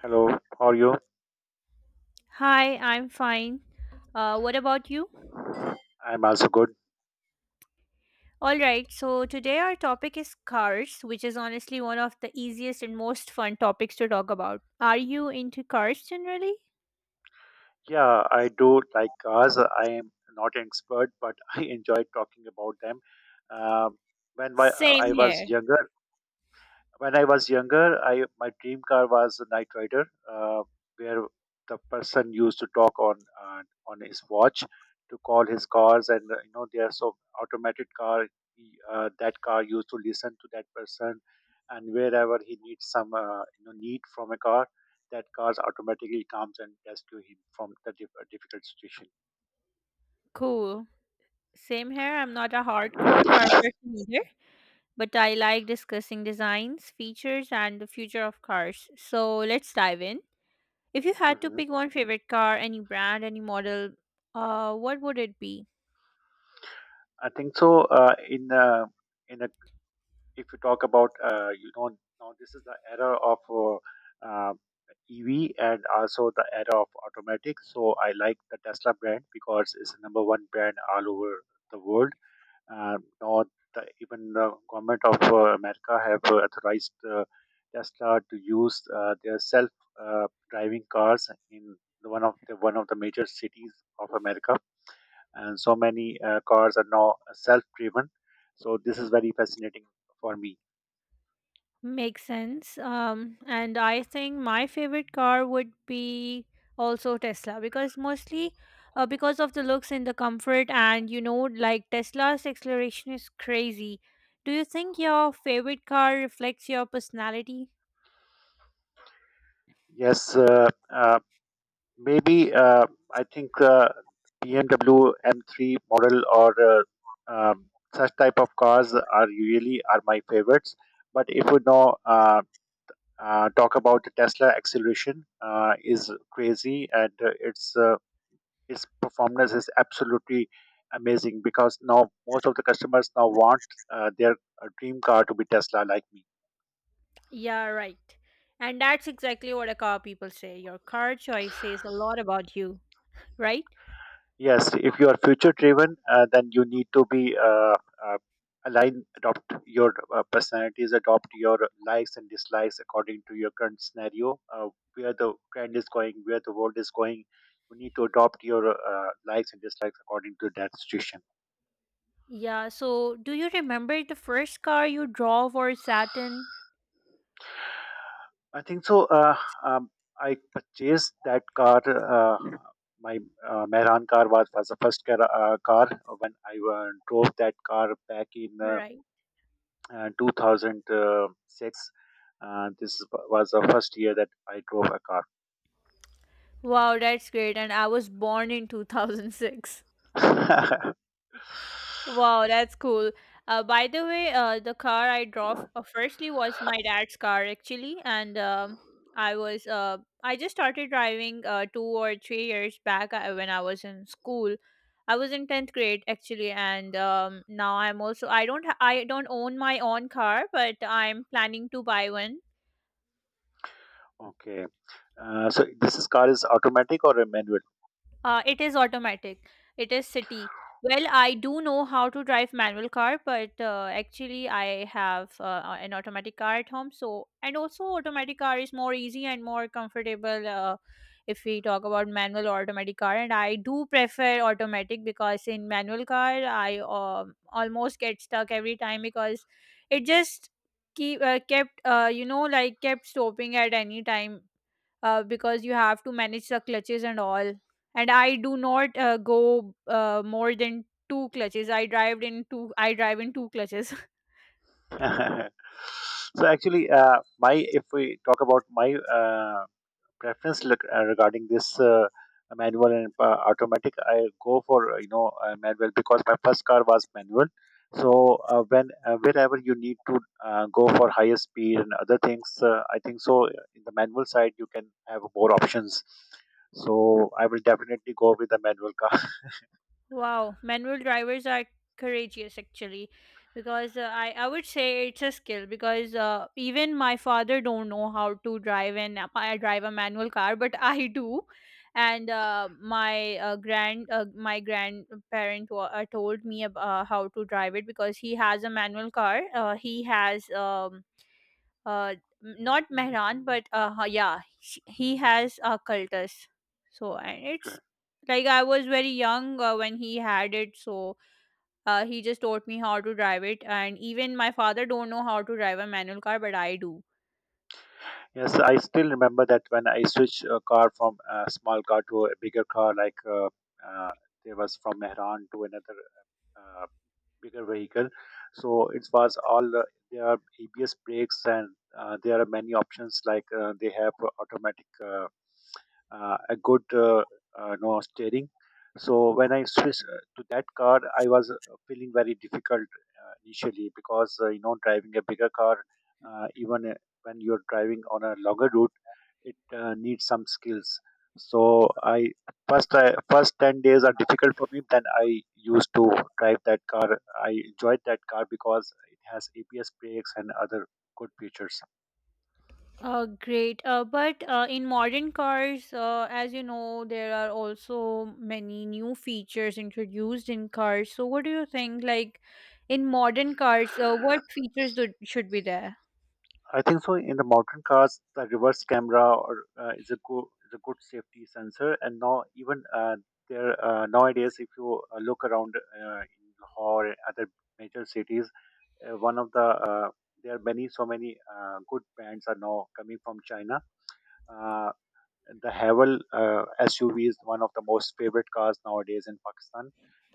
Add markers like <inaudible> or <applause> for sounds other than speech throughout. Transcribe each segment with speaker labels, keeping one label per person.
Speaker 1: Hello, how are you?
Speaker 2: Hi, I'm fine. What about you?
Speaker 1: I'm also good.
Speaker 2: All right, so today our topic is cars, which is honestly one of the easiest and most fun topics to talk about. Are you into cars generally?
Speaker 1: Yeah, I do like cars. I am not an expert, but <laughs> I enjoy talking about them. Um when my,
Speaker 2: Same
Speaker 1: I was
Speaker 2: here.
Speaker 1: younger, when I was younger, I my dream car was a Knight Rider, uh, where the person used to talk on his watch to call his cars, and you know they are so automated car. That car used to listen to that person, and wherever he needs some need from a car, that car automatically comes and rescue him from the difficult situation.
Speaker 2: Cool. Same here. I'm not a hardcore car person either, but I like discussing designs, features, and the future of cars. So let's dive in. If you had to
Speaker 1: Hmm.
Speaker 2: pick one favorite car, any brand, any model, what would it be?
Speaker 1: I think so. Uh, in uh, in a If you talk about you know, now this is the era of uh, EV, and also the era of automatic. So I like the Tesla brand because it's the number one brand all over the world. Now even the government of America have authorized Tesla to use their self driving cars in the one of the one of the major cities of America, and so many cars are now self driven. So this is very fascinating for me.
Speaker 2: Makes sense. And I think my favorite car would be also Tesla because mostly because of the looks and the comfort, and you know, like Tesla's acceleration is crazy. Do you think your favorite car reflects your personality?
Speaker 1: Yes, uh, uh, Maybe I think BMW M3 model or uh, um, Such type of cars are really are my favorites. But if we now talk about the Tesla acceleration, is crazy, and its performance is absolutely amazing, because now most of the customers now want their dream car to be Tesla like me.
Speaker 2: Yeah, right. And that's exactly what a car people say. Your car choice says a lot about you, right?
Speaker 1: Yes, if you are future driven, then you need to be uh, adopt your personalities, adopt your likes and dislikes according to your current scenario, where the trend is going, where the world is going. You need to adopt your likes and dislikes according to that situation.
Speaker 2: Yeah, so do you remember the first car you drove or sat in?
Speaker 1: I think so. Um, I purchased that car. My Mehran car was the first car, when I drove that car back in
Speaker 2: Right.
Speaker 1: 2006. uh, this is- was the first year that I drove a car.
Speaker 2: Wow, that's great. And I was born in 2006.
Speaker 1: <laughs>
Speaker 2: Wow, that's cool. By the way, the car I drove firstly was my dad's car actually, and I was I just started driving 2 or 3 years back when I was in school. I was in tenth grade actually, and now I don't I don't own my own car, but I'm planning to buy one.
Speaker 1: Okay. So this is, car is automatic or a manual?
Speaker 2: It is automatic. It is city. Well, I do know how to drive manual car, but actually I have an automatic car at home. So and also automatic car is more easy and more comfortable if we talk about manual or automatic car. And I do prefer automatic because in manual car I almost get stuck every time because it just keep kept you know like kept stopping at any time because you have to manage the clutches and all. And I do not go more than two clutches. I drive in two. I drive in two clutches. <laughs>
Speaker 1: <laughs> So actually, my if we talk about my uh, preference, look, regarding this manual and automatic, I go for manual, because my first car was manual. So when wherever you need to go for higher speed and other things, I think so, in the manual side you can have more options. So I will definitely go with the manual car. <laughs>
Speaker 2: Wow, manual drivers are courageous actually because I would say it's a skill because even my father don't know how to drive and I drive a manual car but <laughs> I do, and my grandparent told me how to drive it because he has a manual car. He has uh not Mehran, but yeah, he has a cultus. So and
Speaker 1: Okay.
Speaker 2: it's like I was very young when he had it, so he just taught me how to drive it. And even my father don't know how to drive a manual car, but I do.
Speaker 1: Yes, I still remember that when I switched a car from a small car to a bigger car, uh, there was from Mehran to another uh, bigger vehicle. So it was all there are ABS brakes, and there are many options, like they have automatic a good steering. So when I switched to that car, I was feeling very difficult initially, because you know, driving a bigger car, even when you're driving on a longer route, it needs some skills. So first 10 days are difficult for me. Then I used to drive that car. I enjoyed that car because it has ABS brakes and other good features.
Speaker 2: Great. But in modern cars, as you know, there are also many new features introduced in cars. So what do you think? Like in modern cars, what features should be there?
Speaker 1: I think so. In the modern cars, the reverse camera or is a good safety sensor. And now even there nowadays, if you look around in Lahore and other major cities, one of the there are many, so many good brands are now coming from China. Uh, the Havel SUV is one of the most favorite cars nowadays in Pakistan,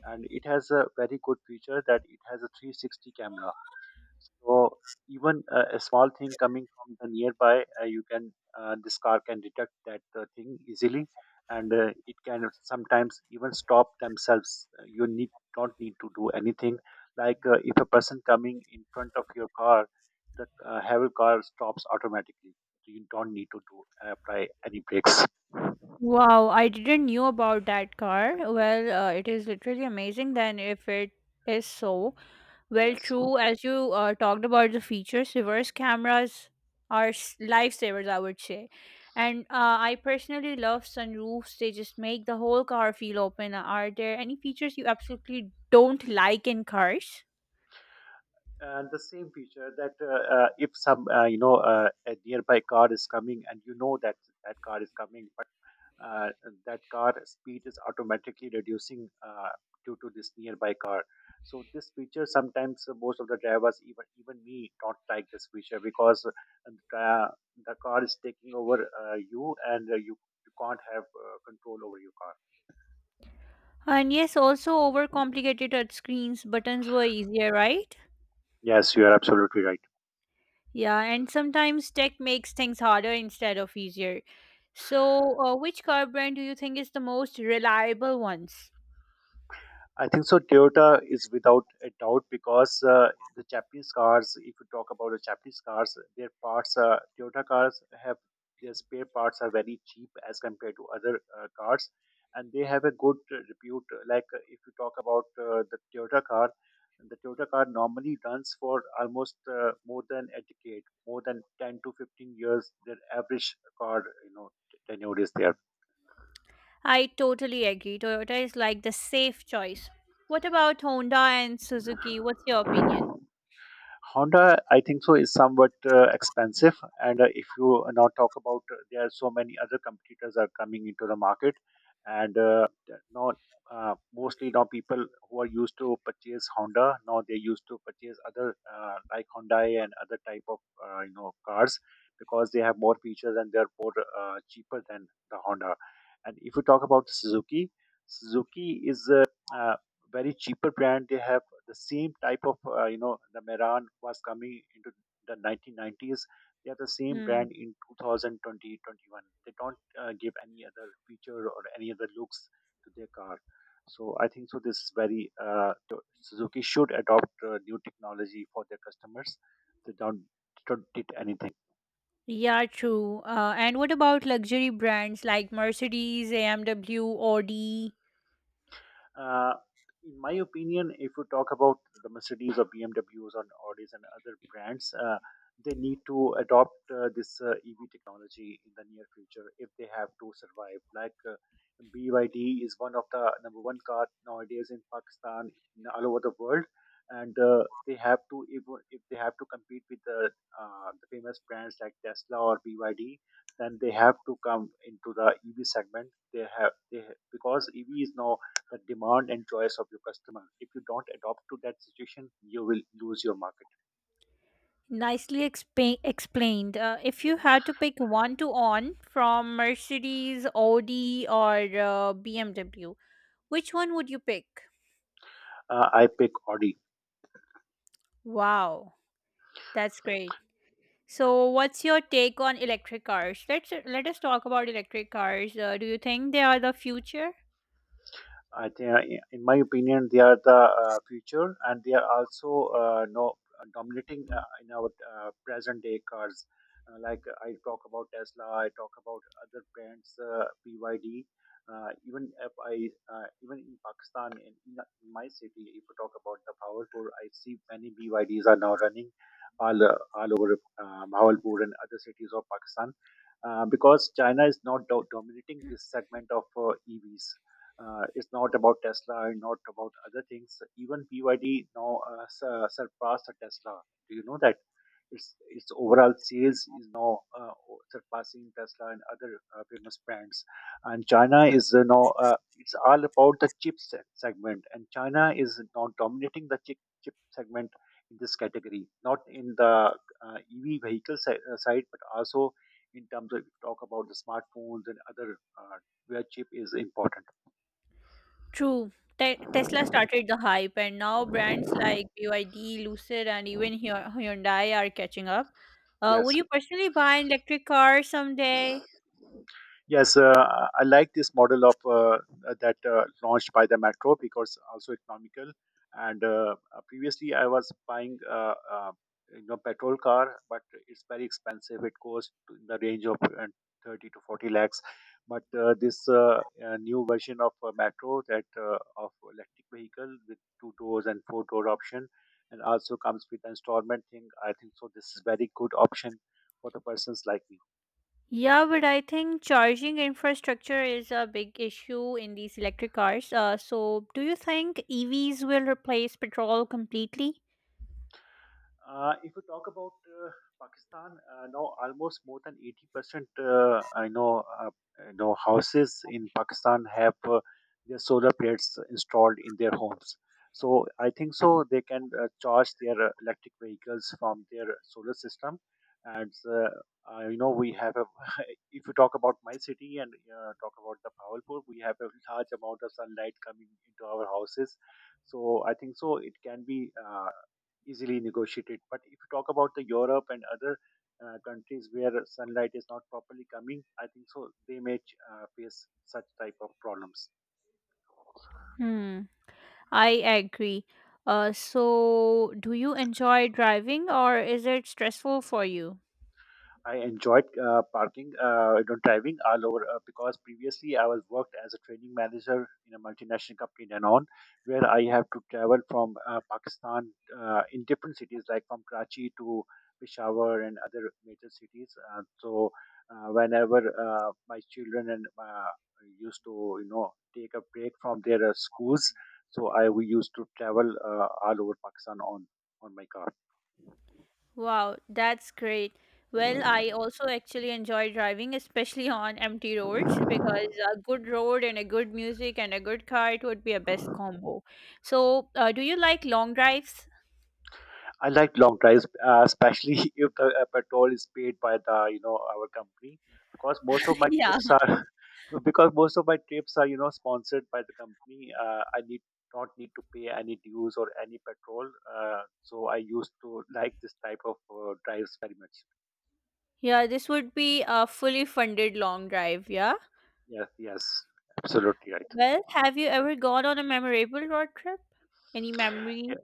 Speaker 1: and it has a very good feature that it has a 360 camera. So even a small thing coming from the nearby, you can this car can detect that thing easily, and it can sometimes even stop themselves. You need don't need to do anything. Like if a person coming in front of your car, the Havel car stops automatically. So, you don't need to do apply any brakes.
Speaker 2: Wow, I didn't knew about that car. Well, it is literally amazing then if it is so. Well,
Speaker 1: Yes.
Speaker 2: true, as you talked about the features, reverse cameras are lifesavers, I would say. And I personally love sunroofs. They just make the whole car feel open. Are there any features you absolutely don't like in cars?
Speaker 1: And the same feature that if some a nearby car is coming, and you know that that car is coming uh, that car speed is automatically reducing due to this nearby car. So this feature sometimes, most of the drivers, even me, don't like this feature, because the, the car is taking over you, and you you can't have control over your car.
Speaker 2: And yes, also overcomplicated touchscreens. Buttons were easier, right?
Speaker 1: Yes, you are absolutely right.
Speaker 2: Yeah, and sometimes tech makes things harder instead of easier. So, which car brand do you think is the most reliable ones?
Speaker 1: I think so. Toyota is without a doubt, because the Japanese cars. If you talk about the Japanese cars, their parts, Toyota cars have their spare parts are very cheap as compared to other cars, and they have a good repute. Like if you talk about the Toyota car normally runs for almost more than a decade, more than 10 to 15 years. Their average car, you know, tenure is there.
Speaker 2: I totally agree. Toyota is like the safe choice. What about Honda and Suzuki? What's your opinion?
Speaker 1: Honda, I think so, is somewhat expensive, and if you now talk about, there are so many other competitors are coming into the market, and now mostly now people who are used to purchase Honda, now they used to purchase other, like Hyundai and other type of cars, because they have more features and they are more cheaper than the Honda. And if you talk about Suzuki, Suzuki is uh, very cheaper brand. They have the same type of the Meran was coming into the 1990s. They have the same
Speaker 2: Hmm.
Speaker 1: brand in 2020 21. They don't give any other feature or any other looks to their car. So I think so, this is very Suzuki should adopt new technology for their customers. They Don't did anything.
Speaker 2: Yeah, true. And what about luxury brands like Mercedes, AMW, Audi?
Speaker 1: Uh, in my opinion, if you talk about the Mercedes or BMWs and Audis and other brands, they need to adopt this EV technology in the near future if they have to survive. Like BYD is one of the number one car nowadays in Pakistan, all over the world, and they have to if they have to compete with the famous brands like Tesla or BYD, then they have to come into the EV segment. They have they Because EV is now the demand and choice of your customer. If you don't adopt to that situation, you will lose your market.
Speaker 2: Nicely explained. If you had to pick one to own from Mercedes, Audi, or BMW, which one would you pick?
Speaker 1: I pick Audi.
Speaker 2: Wow, that's great. So, what's your take on electric cars? Let's let us talk about electric cars. Do you think they are the future?
Speaker 1: I think, in my opinion, they are the future, and they are also no, dominating in our present day cars. Like I talk about Tesla, I talk about other brands, BYD. Even if I, even in Pakistan, in my city, if you talk about the Bahawalpur, I see many BYDs are now running all over Bahawalpur and other cities of Pakistan. Because China is not do- dominating this segment of EVs. It's not about Tesla and not about other things. Even BYD now surpassed the Tesla. Do you know that? Its overall sales is now surpassing Tesla and other famous brands. And China is now it's all about the segment, and China is now dominating the chip segment in this category, not in the EV vehicle side, but also in terms of talk about the smartphones and other, where chip is important.
Speaker 2: True. Tesla started the hype, and now brands like BYD, Lucid, and even Hyundai are catching up. Would
Speaker 1: Yes.
Speaker 2: you personally buy an electric car someday?
Speaker 1: Yes, I like this model of that launched by the Metro, because also economical. And previously, I was buying petrol car, but it's very expensive. It goes to in the range of 30 to 40 lakhs. But this new version of Metro, that of electric vehicle with two doors and four-door option, and also comes with installment thing. I think so. This is very good option for the persons like me.
Speaker 2: Yeah, but I think charging infrastructure is a big issue in these electric cars. So, do you think EVs will replace petrol completely?
Speaker 1: If we talk about Pakistan, now almost more than 80%, you know, houses in Pakistan have their solar plates installed in their homes. So I think so, they can charge their electric vehicles from their solar system. And you know, we have a, <laughs> if you talk about my city, and talk about the Bawalpur, we have a large amount of sunlight coming into our houses. So I think so, it can be. Easily negotiated. But if you talk about the Europe and other countries where sunlight is not properly coming, I think so they may face such type of problems.
Speaker 2: Hmm. I agree. So, do you enjoy driving or is it stressful for you?
Speaker 1: I enjoyed parking, driving all over because previously I was worked as a training manager in a multinational company in Danone, where I have to travel from Pakistan in different cities, like from Karachi to Peshawar and other major cities. Whenever my children and used to, take a break from their schools, so I we used to travel all over Pakistan on my car.
Speaker 2: Wow, that's great. Well, I also actually enjoy driving, especially on empty roads, because a good road and a good music and a good car, it would be a best combo. So, do you like long drives?
Speaker 1: I like long drives, especially <laughs> if the petrol is paid by the our company, because most of
Speaker 2: <laughs>
Speaker 1: my
Speaker 2: Yeah.
Speaker 1: trips are <laughs> because most of my trips are sponsored by the company. I need not need to pay any dues or any petrol. So I used to like this type of drives very much.
Speaker 2: Yeah, this would be a fully funded long drive, yeah?
Speaker 1: Yes, yes, absolutely right.
Speaker 2: Well, have you ever gone on a memorable road trip? Any
Speaker 1: Yeah.
Speaker 2: memory?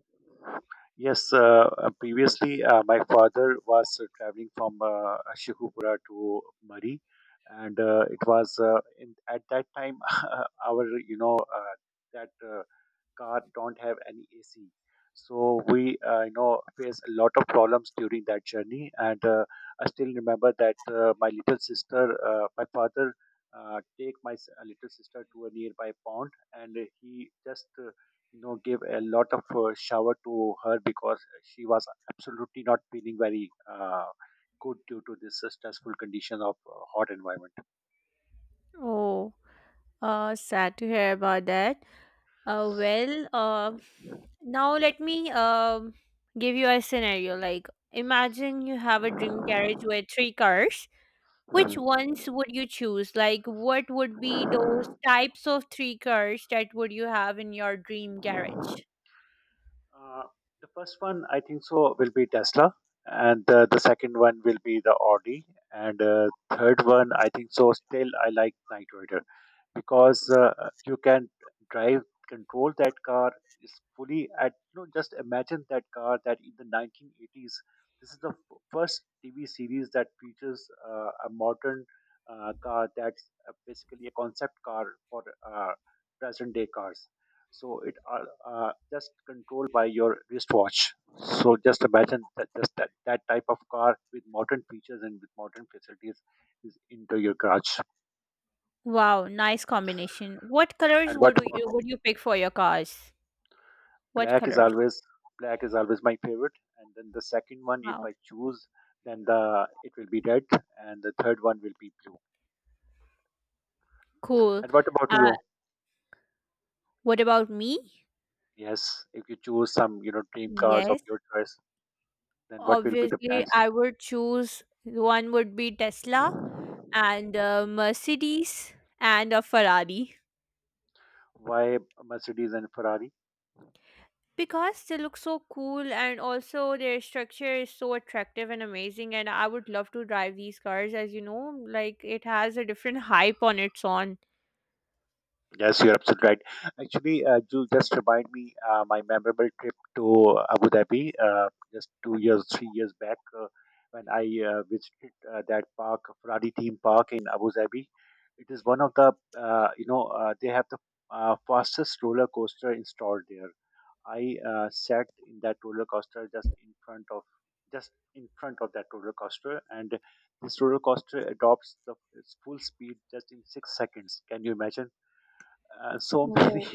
Speaker 1: Yes, previously my father was traveling from Ashokapura to Murray, and at that time, <laughs> our you know that car don't have any AC, so we face a lot of problems during that journey. And I still remember that my little sister, my father take my little sister to a nearby pond, and he just gave a lot of shower to her because she was absolutely not feeling very good due to this stressful condition of hot environment.
Speaker 2: Oh. Sad to hear about that. Uh, well, uh, now let me give you a scenario. Like, imagine you have a dream carriage with three cars. Which ones would you choose? Like, what would be those types of three cars that would you have in your dream carriage?
Speaker 1: Uh, the first one, I think so, will be Tesla, and the second one will be the Audi, and third one, I think so. Still, I like Knight Rider because you can drive, control that car is fully at. You know, just imagine that car that in the 1980s. This is the first TV series that features a modern car that's basically a concept car for present day cars, so it are just controlled by your wristwatch. So just imagine that type of car with modern features and with modern facilities is into your garage.
Speaker 2: Wow, nice combination. What colors
Speaker 1: And
Speaker 2: would
Speaker 1: what about,
Speaker 2: you pick for your cars? What
Speaker 1: black is
Speaker 2: colors?
Speaker 1: always, black is always my favorite, and then the second one, if
Speaker 2: Wow,
Speaker 1: I choose, then the it will be red, and the third one will be blue.
Speaker 2: cool.
Speaker 1: And what about
Speaker 2: Uh,
Speaker 1: you?
Speaker 2: what about me?
Speaker 1: Yes, if you choose some, dream cars of
Speaker 2: Yes.
Speaker 1: your choice, then what will be the
Speaker 2: Obviously,
Speaker 1: brands?
Speaker 2: I would choose one would be Tesla and a Mercedes and a Ferrari
Speaker 1: Why Mercedes and Ferrari?
Speaker 2: because they look so cool and also their structure is so attractive and amazing and I would love to drive these cars as you know like it has a different <laughs> hype on its own.
Speaker 1: Yes, you're absolutely right. Actually, you just remind me my memorable trip to Abu Dhabi, just 2 years, 3 years back, when I visited that park, Ferrari theme park in Abu Dhabi. It is one of the, they have the fastest roller coaster installed there. I sat in that roller coaster just in front of that roller coaster, and this roller coaster adopts the its full speed just in 6 seconds. Can you imagine? <laughs> Many
Speaker 2: Whoa.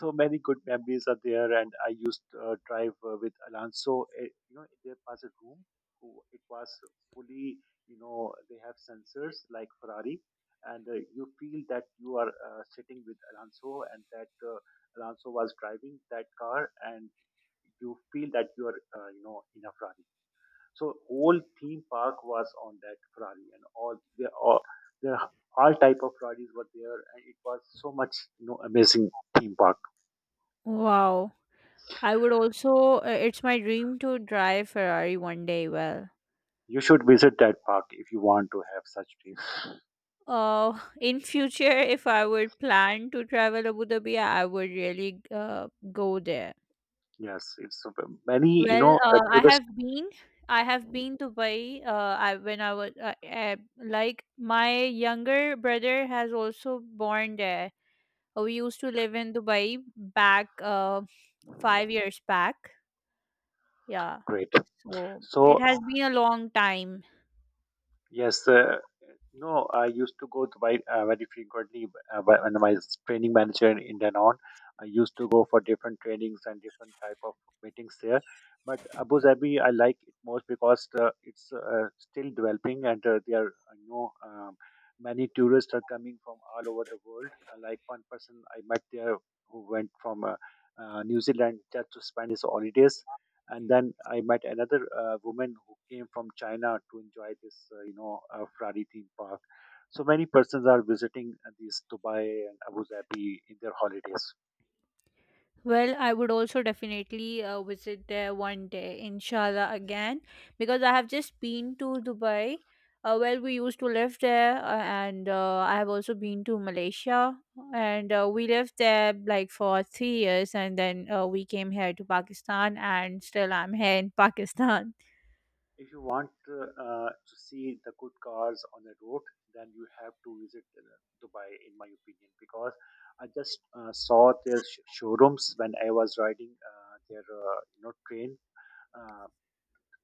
Speaker 1: so many good memories are there, and I used drive with Alonso. There was a room, who it was, fully, they have sensors like Ferrari, and you feel that you are sitting with Alonso, and that Alonso was driving that car, and you feel that you are, in a Ferrari. So whole theme park was on that Ferrari, and all there are, all type of Ferraris were there, and it was so much, amazing theme park.
Speaker 2: Wow. I would also it's my dream to drive Ferrari one day well.
Speaker 1: You should visit that park if you want to have such dreams.
Speaker 2: <laughs> In future, if I would plan to travel Abu Dhabi, I would really go there.
Speaker 1: Yes, it's many,
Speaker 2: Well,
Speaker 1: tourist.
Speaker 2: I have been to Dubai. I when I was like my younger brother has also born there. We used to live in Dubai back 5 years back. Yeah,
Speaker 1: Great.
Speaker 2: so it
Speaker 1: So
Speaker 2: has been a long time.
Speaker 1: yes, no, I used to go to buy very frequently, when my training manager in Danone. I used to go for different trainings and different type of meetings there. But Abu Dhabi, I like it most because it's still developing, and there are no many tourists are coming from all over the world. Like one person I met there who went from New Zealand just to spend his holidays, and then I met another woman who came from China to enjoy this, Ferrari theme park. So many persons are visiting these Dubai and Abu Dhabi in their holidays.
Speaker 2: Well, I would also definitely visit there one day, inshallah, again, because I have just been to Dubai. We used to live there, and I have also been to Malaysia, and we lived there like for 3 years, and then we came here to Pakistan, and still I'm here in Pakistan.
Speaker 1: If you want to see the good cars on the road, then you have to visit Dubai, in my opinion, because I just saw their showrooms when I was riding train. Uh,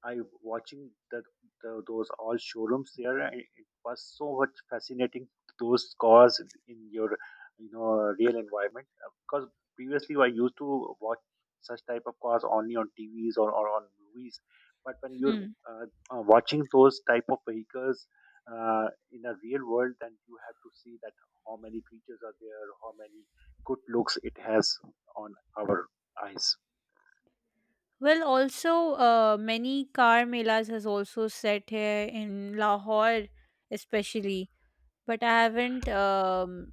Speaker 1: I watching the those all showrooms there, and it was so much fascinating, those cars in your, you know real environment. Because previously I used to watch such type of cars only on T V's, or on movies, but when you're
Speaker 2: Hmm.
Speaker 1: uh, watching those type of vehicles uh, in a real world, then you have to see that how many features are there, how many good looks it has on our eyes.
Speaker 2: Well, also, many car melas has also set here in Lahore, especially. But I haven't.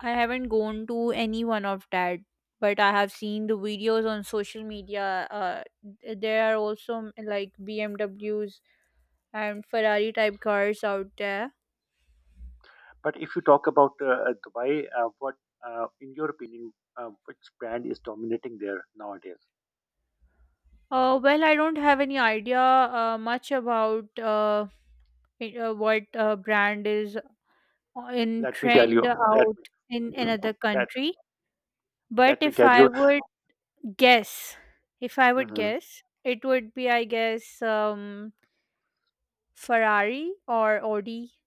Speaker 2: I haven't gone to any one of that, but I have seen the videos on social media. There are also like BMWs and Ferrari type cars out there.
Speaker 1: But if you talk about Dubai, in your opinion, which brand is dominating there nowadays?
Speaker 2: Well, I don't have any idea much about what brand is in
Speaker 1: Let me tell
Speaker 2: trend
Speaker 1: you. Let
Speaker 2: out
Speaker 1: me
Speaker 2: in another
Speaker 1: let
Speaker 2: country. But
Speaker 1: let me
Speaker 2: if
Speaker 1: tell
Speaker 2: I
Speaker 1: you.
Speaker 2: would guess, if I would
Speaker 1: Mhm.
Speaker 2: guess, it would be, I guess, Ferrari or Audi.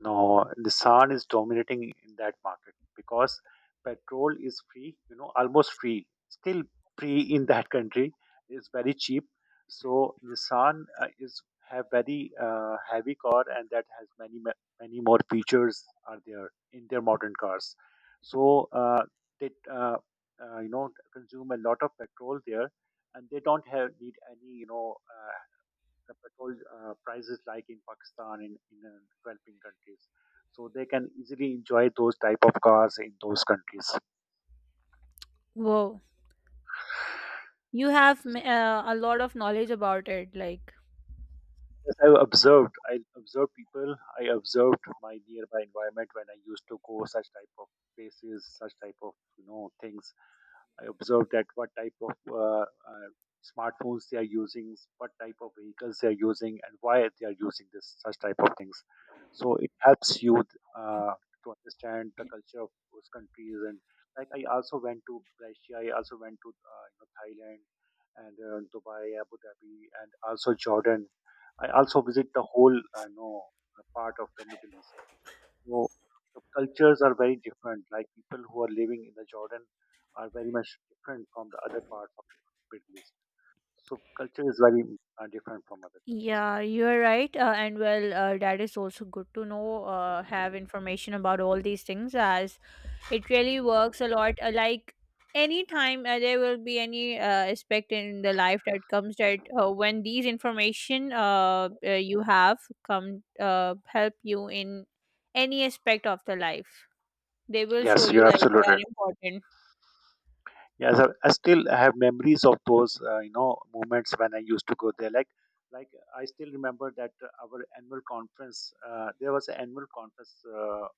Speaker 1: No, Nissan is dominating in that market because petrol is free, you know, almost free, still free in that <laughs> country. It's very cheap. So Nissan is have very heavy car, and that has many more features are there in their modern cars. So uh, they consume a lot of petrol there, and they don't have need any, the petrol prices like in Pakistan, in developing countries. So they can easily enjoy those type of cars in those countries.
Speaker 2: Whoa. You have a lot of knowledge about it. Like,
Speaker 1: Yes, I have observed. I observed people. I observed my nearby environment when I used to go such type of places, such type of, things. I observed that what type of smartphones they are using, what type of vehicles they are using, and why they are using this such type of things. So it helps you to understand the culture of those countries. And like I also went to Malaysia, I also went to, Thailand, and Dubai, Abu Dhabi, and also Jordan. I also visit the whole, part of the Middle East. So the cultures are very different. Like people who are living in the Jordan are very much different from the other parts of Middle East. So culture is very different from other places.
Speaker 2: yeah, you're right. And well, that is also good to know, have information about all these things as it really works a lot. Like, anytime there will be any aspect in the life that comes that when these information you have come help you in any aspect of the life, they will show
Speaker 1: Yes,
Speaker 2: you
Speaker 1: you're
Speaker 2: like they
Speaker 1: absolutely,
Speaker 2: are important.
Speaker 1: yes, I still have memories of those, moments when I used to go there. Like I still remember that our annual conference. There was an annual conference. Uh,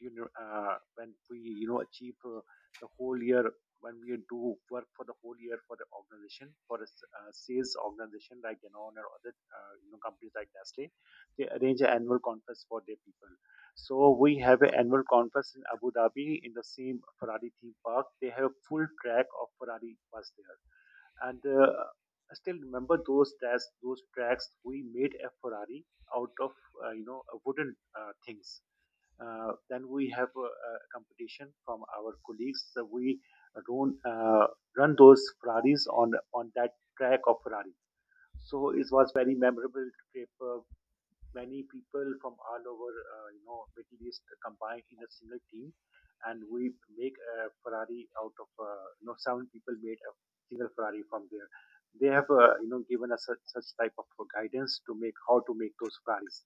Speaker 1: you know, uh, When we, achieve the whole year, when we do work for the whole year for the organization, for a sales organization like you, or other, companies like Nestle, they arrange an annual conference for their people. So we have an annual conference in Abu Dhabi in the same Ferrari theme park. They have a full track of Ferrari was there, and I still remember those tracks. Those tracks, we made a Ferrari out of, wooden things. Then we have a competition from our colleagues. So we run uh, run those Ferraris on that track of Ferrari. So it was very memorable trip. Many people from all over, Middle East combined in a single team, and we make a Ferrari out of, seven people made a single Ferrari from there. They have, given us such, such type of guidance to make how to make those Ferraris.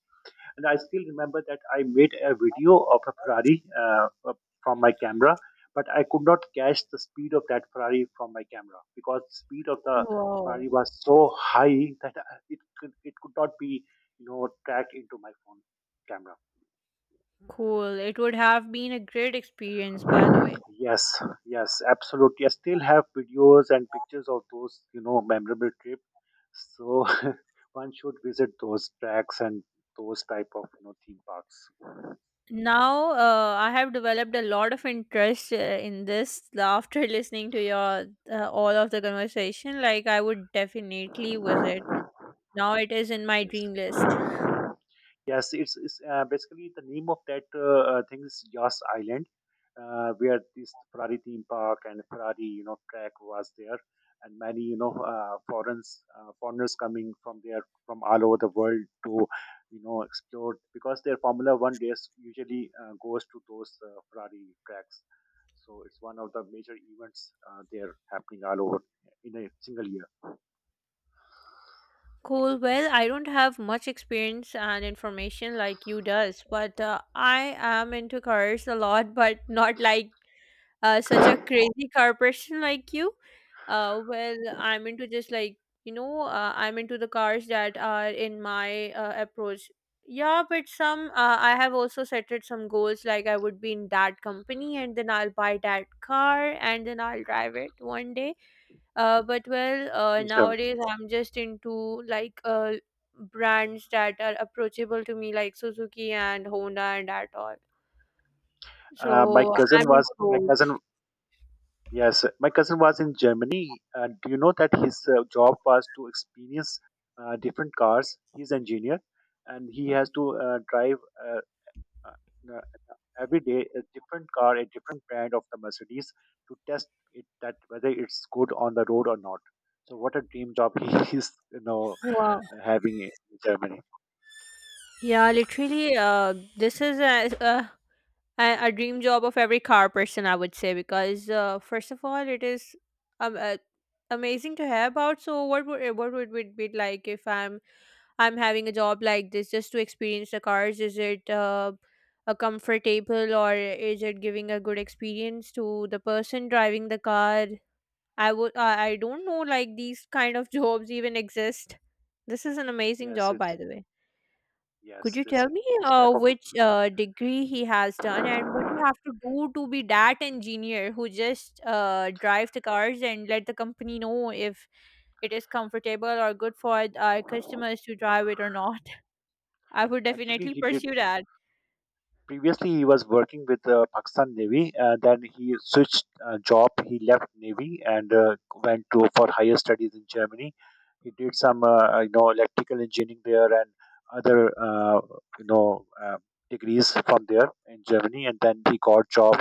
Speaker 1: And I still remember that I made a video of a Ferrari from my camera, but I could not catch the speed of that Ferrari from my camera because the speed of the
Speaker 2: Wow.
Speaker 1: Ferrari was so high that it could not be, tracked into my phone camera.
Speaker 2: Cool. It would have been a great experience, by the way.
Speaker 1: Yes, yes, absolutely. I still have videos and pictures of those, memorable trip. So <laughs> one should visit those tracks and those type of, theme parks.
Speaker 2: Now, I have developed a lot of interest in this after <laughs> listening to your all of the conversation. Like, I would definitely visit. Now it is in my
Speaker 1: Yes.
Speaker 2: dream list.
Speaker 1: Yes, it's basically the name of that thing is Yas Island, where this Ferrari theme park and Ferrari, track was there, and many, foreigners, foreigners coming from there from all over the world to, explore, because their Formula One race usually goes to those Ferrari tracks. So it's one of the major events there happening all over in a single year.
Speaker 2: Cool. Well, I don't have much experience and information like you does, but I am into cars a lot, <laughs> but not like such a crazy corporation <laughs> like you. Well, I'm into just like you know, I'm into the cars that are in my approach. Yeah, but some I have also set it some goals like I would be in that company and then I'll buy that car and then I'll drive it one day. But well,
Speaker 1: In turn,
Speaker 2: nowadays I'm just into like brands that are approachable to me like Suzuki and Honda and that all. So I'm into <laughs>
Speaker 1: my
Speaker 2: those.
Speaker 1: cousin, yes, my cousin was in Germany, and do you know that his job was to experience different cars? He's engineer, and he has to drive uh, uh, uh, every day a different car, a different brand of the Mercedes to test it that whether it's good on the road or not. So, what a dream job, <laughs> he is, you know,
Speaker 2: Wow.
Speaker 1: having in Germany.
Speaker 2: Yeah, literally, this is a dream job of every car person, I would say, because first of all, it is um, uh, amazing to have about. So, what would it be like if I'm having a job like this just to experience the cars? Is it a comfortable or is it giving a good experience to the person driving the car? I would I don't know like these kind of <laughs> jobs even exist. This is an amazing
Speaker 1: Yes,
Speaker 2: job, by
Speaker 1: it's
Speaker 2: the way. Could
Speaker 1: yes,
Speaker 2: you
Speaker 1: this
Speaker 2: tell me
Speaker 1: this type
Speaker 2: which degree he has done and what you
Speaker 1: of.
Speaker 2: have to do to be that engineer who just drive the cars and let the company know if it is comfortable or good for our customers to drive it or not? <laughs> I would
Speaker 1: Actually,
Speaker 2: definitely
Speaker 1: he did
Speaker 2: pursue that.
Speaker 1: previously he was working with the Pakistan Navy, and then he switched job. He left Navy and went to for higher studies in Germany. He did some, electrical engineering there, and other, uh, you know uh, degrees from there in Germany, and then he got job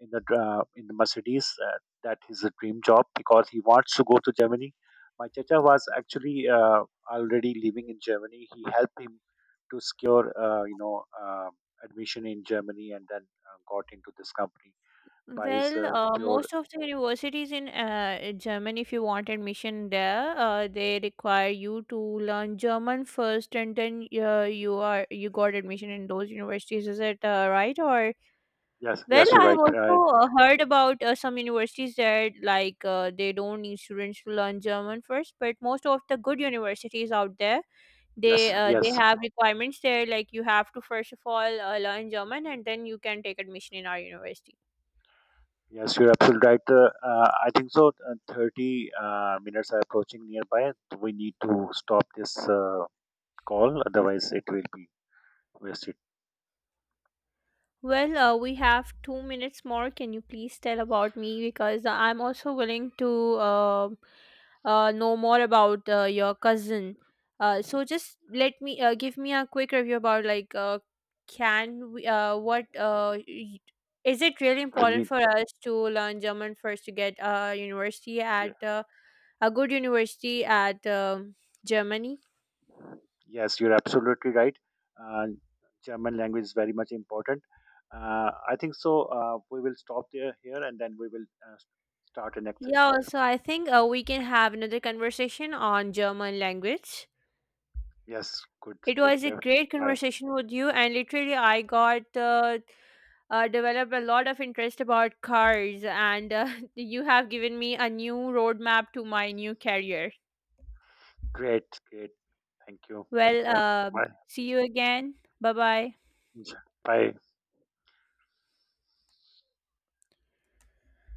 Speaker 1: in the Mercedes. That is a dream job, because he wants to go to Germany. My chacha was actually already living in Germany. He helped him to secure, uh, admission in Germany, and then got into this company by his
Speaker 2: Well,
Speaker 1: pure.
Speaker 2: most of the universities in Germany, if you want admission there, they require you to learn German first, and then you got admission in those universities. Is it right or?
Speaker 1: Yes,
Speaker 2: Well,
Speaker 1: yes, you're
Speaker 2: I have
Speaker 1: right.
Speaker 2: also heard about some universities that like they don't need students to learn German first, but most of the good universities out there, they
Speaker 1: Yes,
Speaker 2: uh, they
Speaker 1: yes,
Speaker 2: have requirements there like you have to first of all learn German and then you can take admission in our university.
Speaker 1: yes, you're absolutely right. I think so. 30 minutes are approaching nearby. We need to stop this call, otherwise, it will be wasted.
Speaker 2: Well, we have 2 minutes more. Can you please tell about me because I'm also willing to um know more about your cousin. So, just let me give me a quick review about like can we, what is it really
Speaker 1: We
Speaker 2: important
Speaker 1: need,
Speaker 2: for us to learn German first to get a university at
Speaker 1: yeah,
Speaker 2: a good university at Germany?
Speaker 1: yes, you're absolutely right. Uh, German language is very much important. I think so. We will stop there here, and then we will start the next
Speaker 2: Yeah,
Speaker 1: session there.
Speaker 2: also I think we can have another conversation on German language.
Speaker 1: Yes, good.
Speaker 2: It
Speaker 1: Take
Speaker 2: was a
Speaker 1: care.
Speaker 2: great
Speaker 1: Bye.
Speaker 2: conversation with you, and literally I got developed a lot of interest about cars, and <laughs> you have given me a new roadmap to my new career.
Speaker 1: Great, great. Thank you. Take
Speaker 2: Well,
Speaker 1: care. Bye.
Speaker 2: see you again. Bye bye.
Speaker 1: Bye.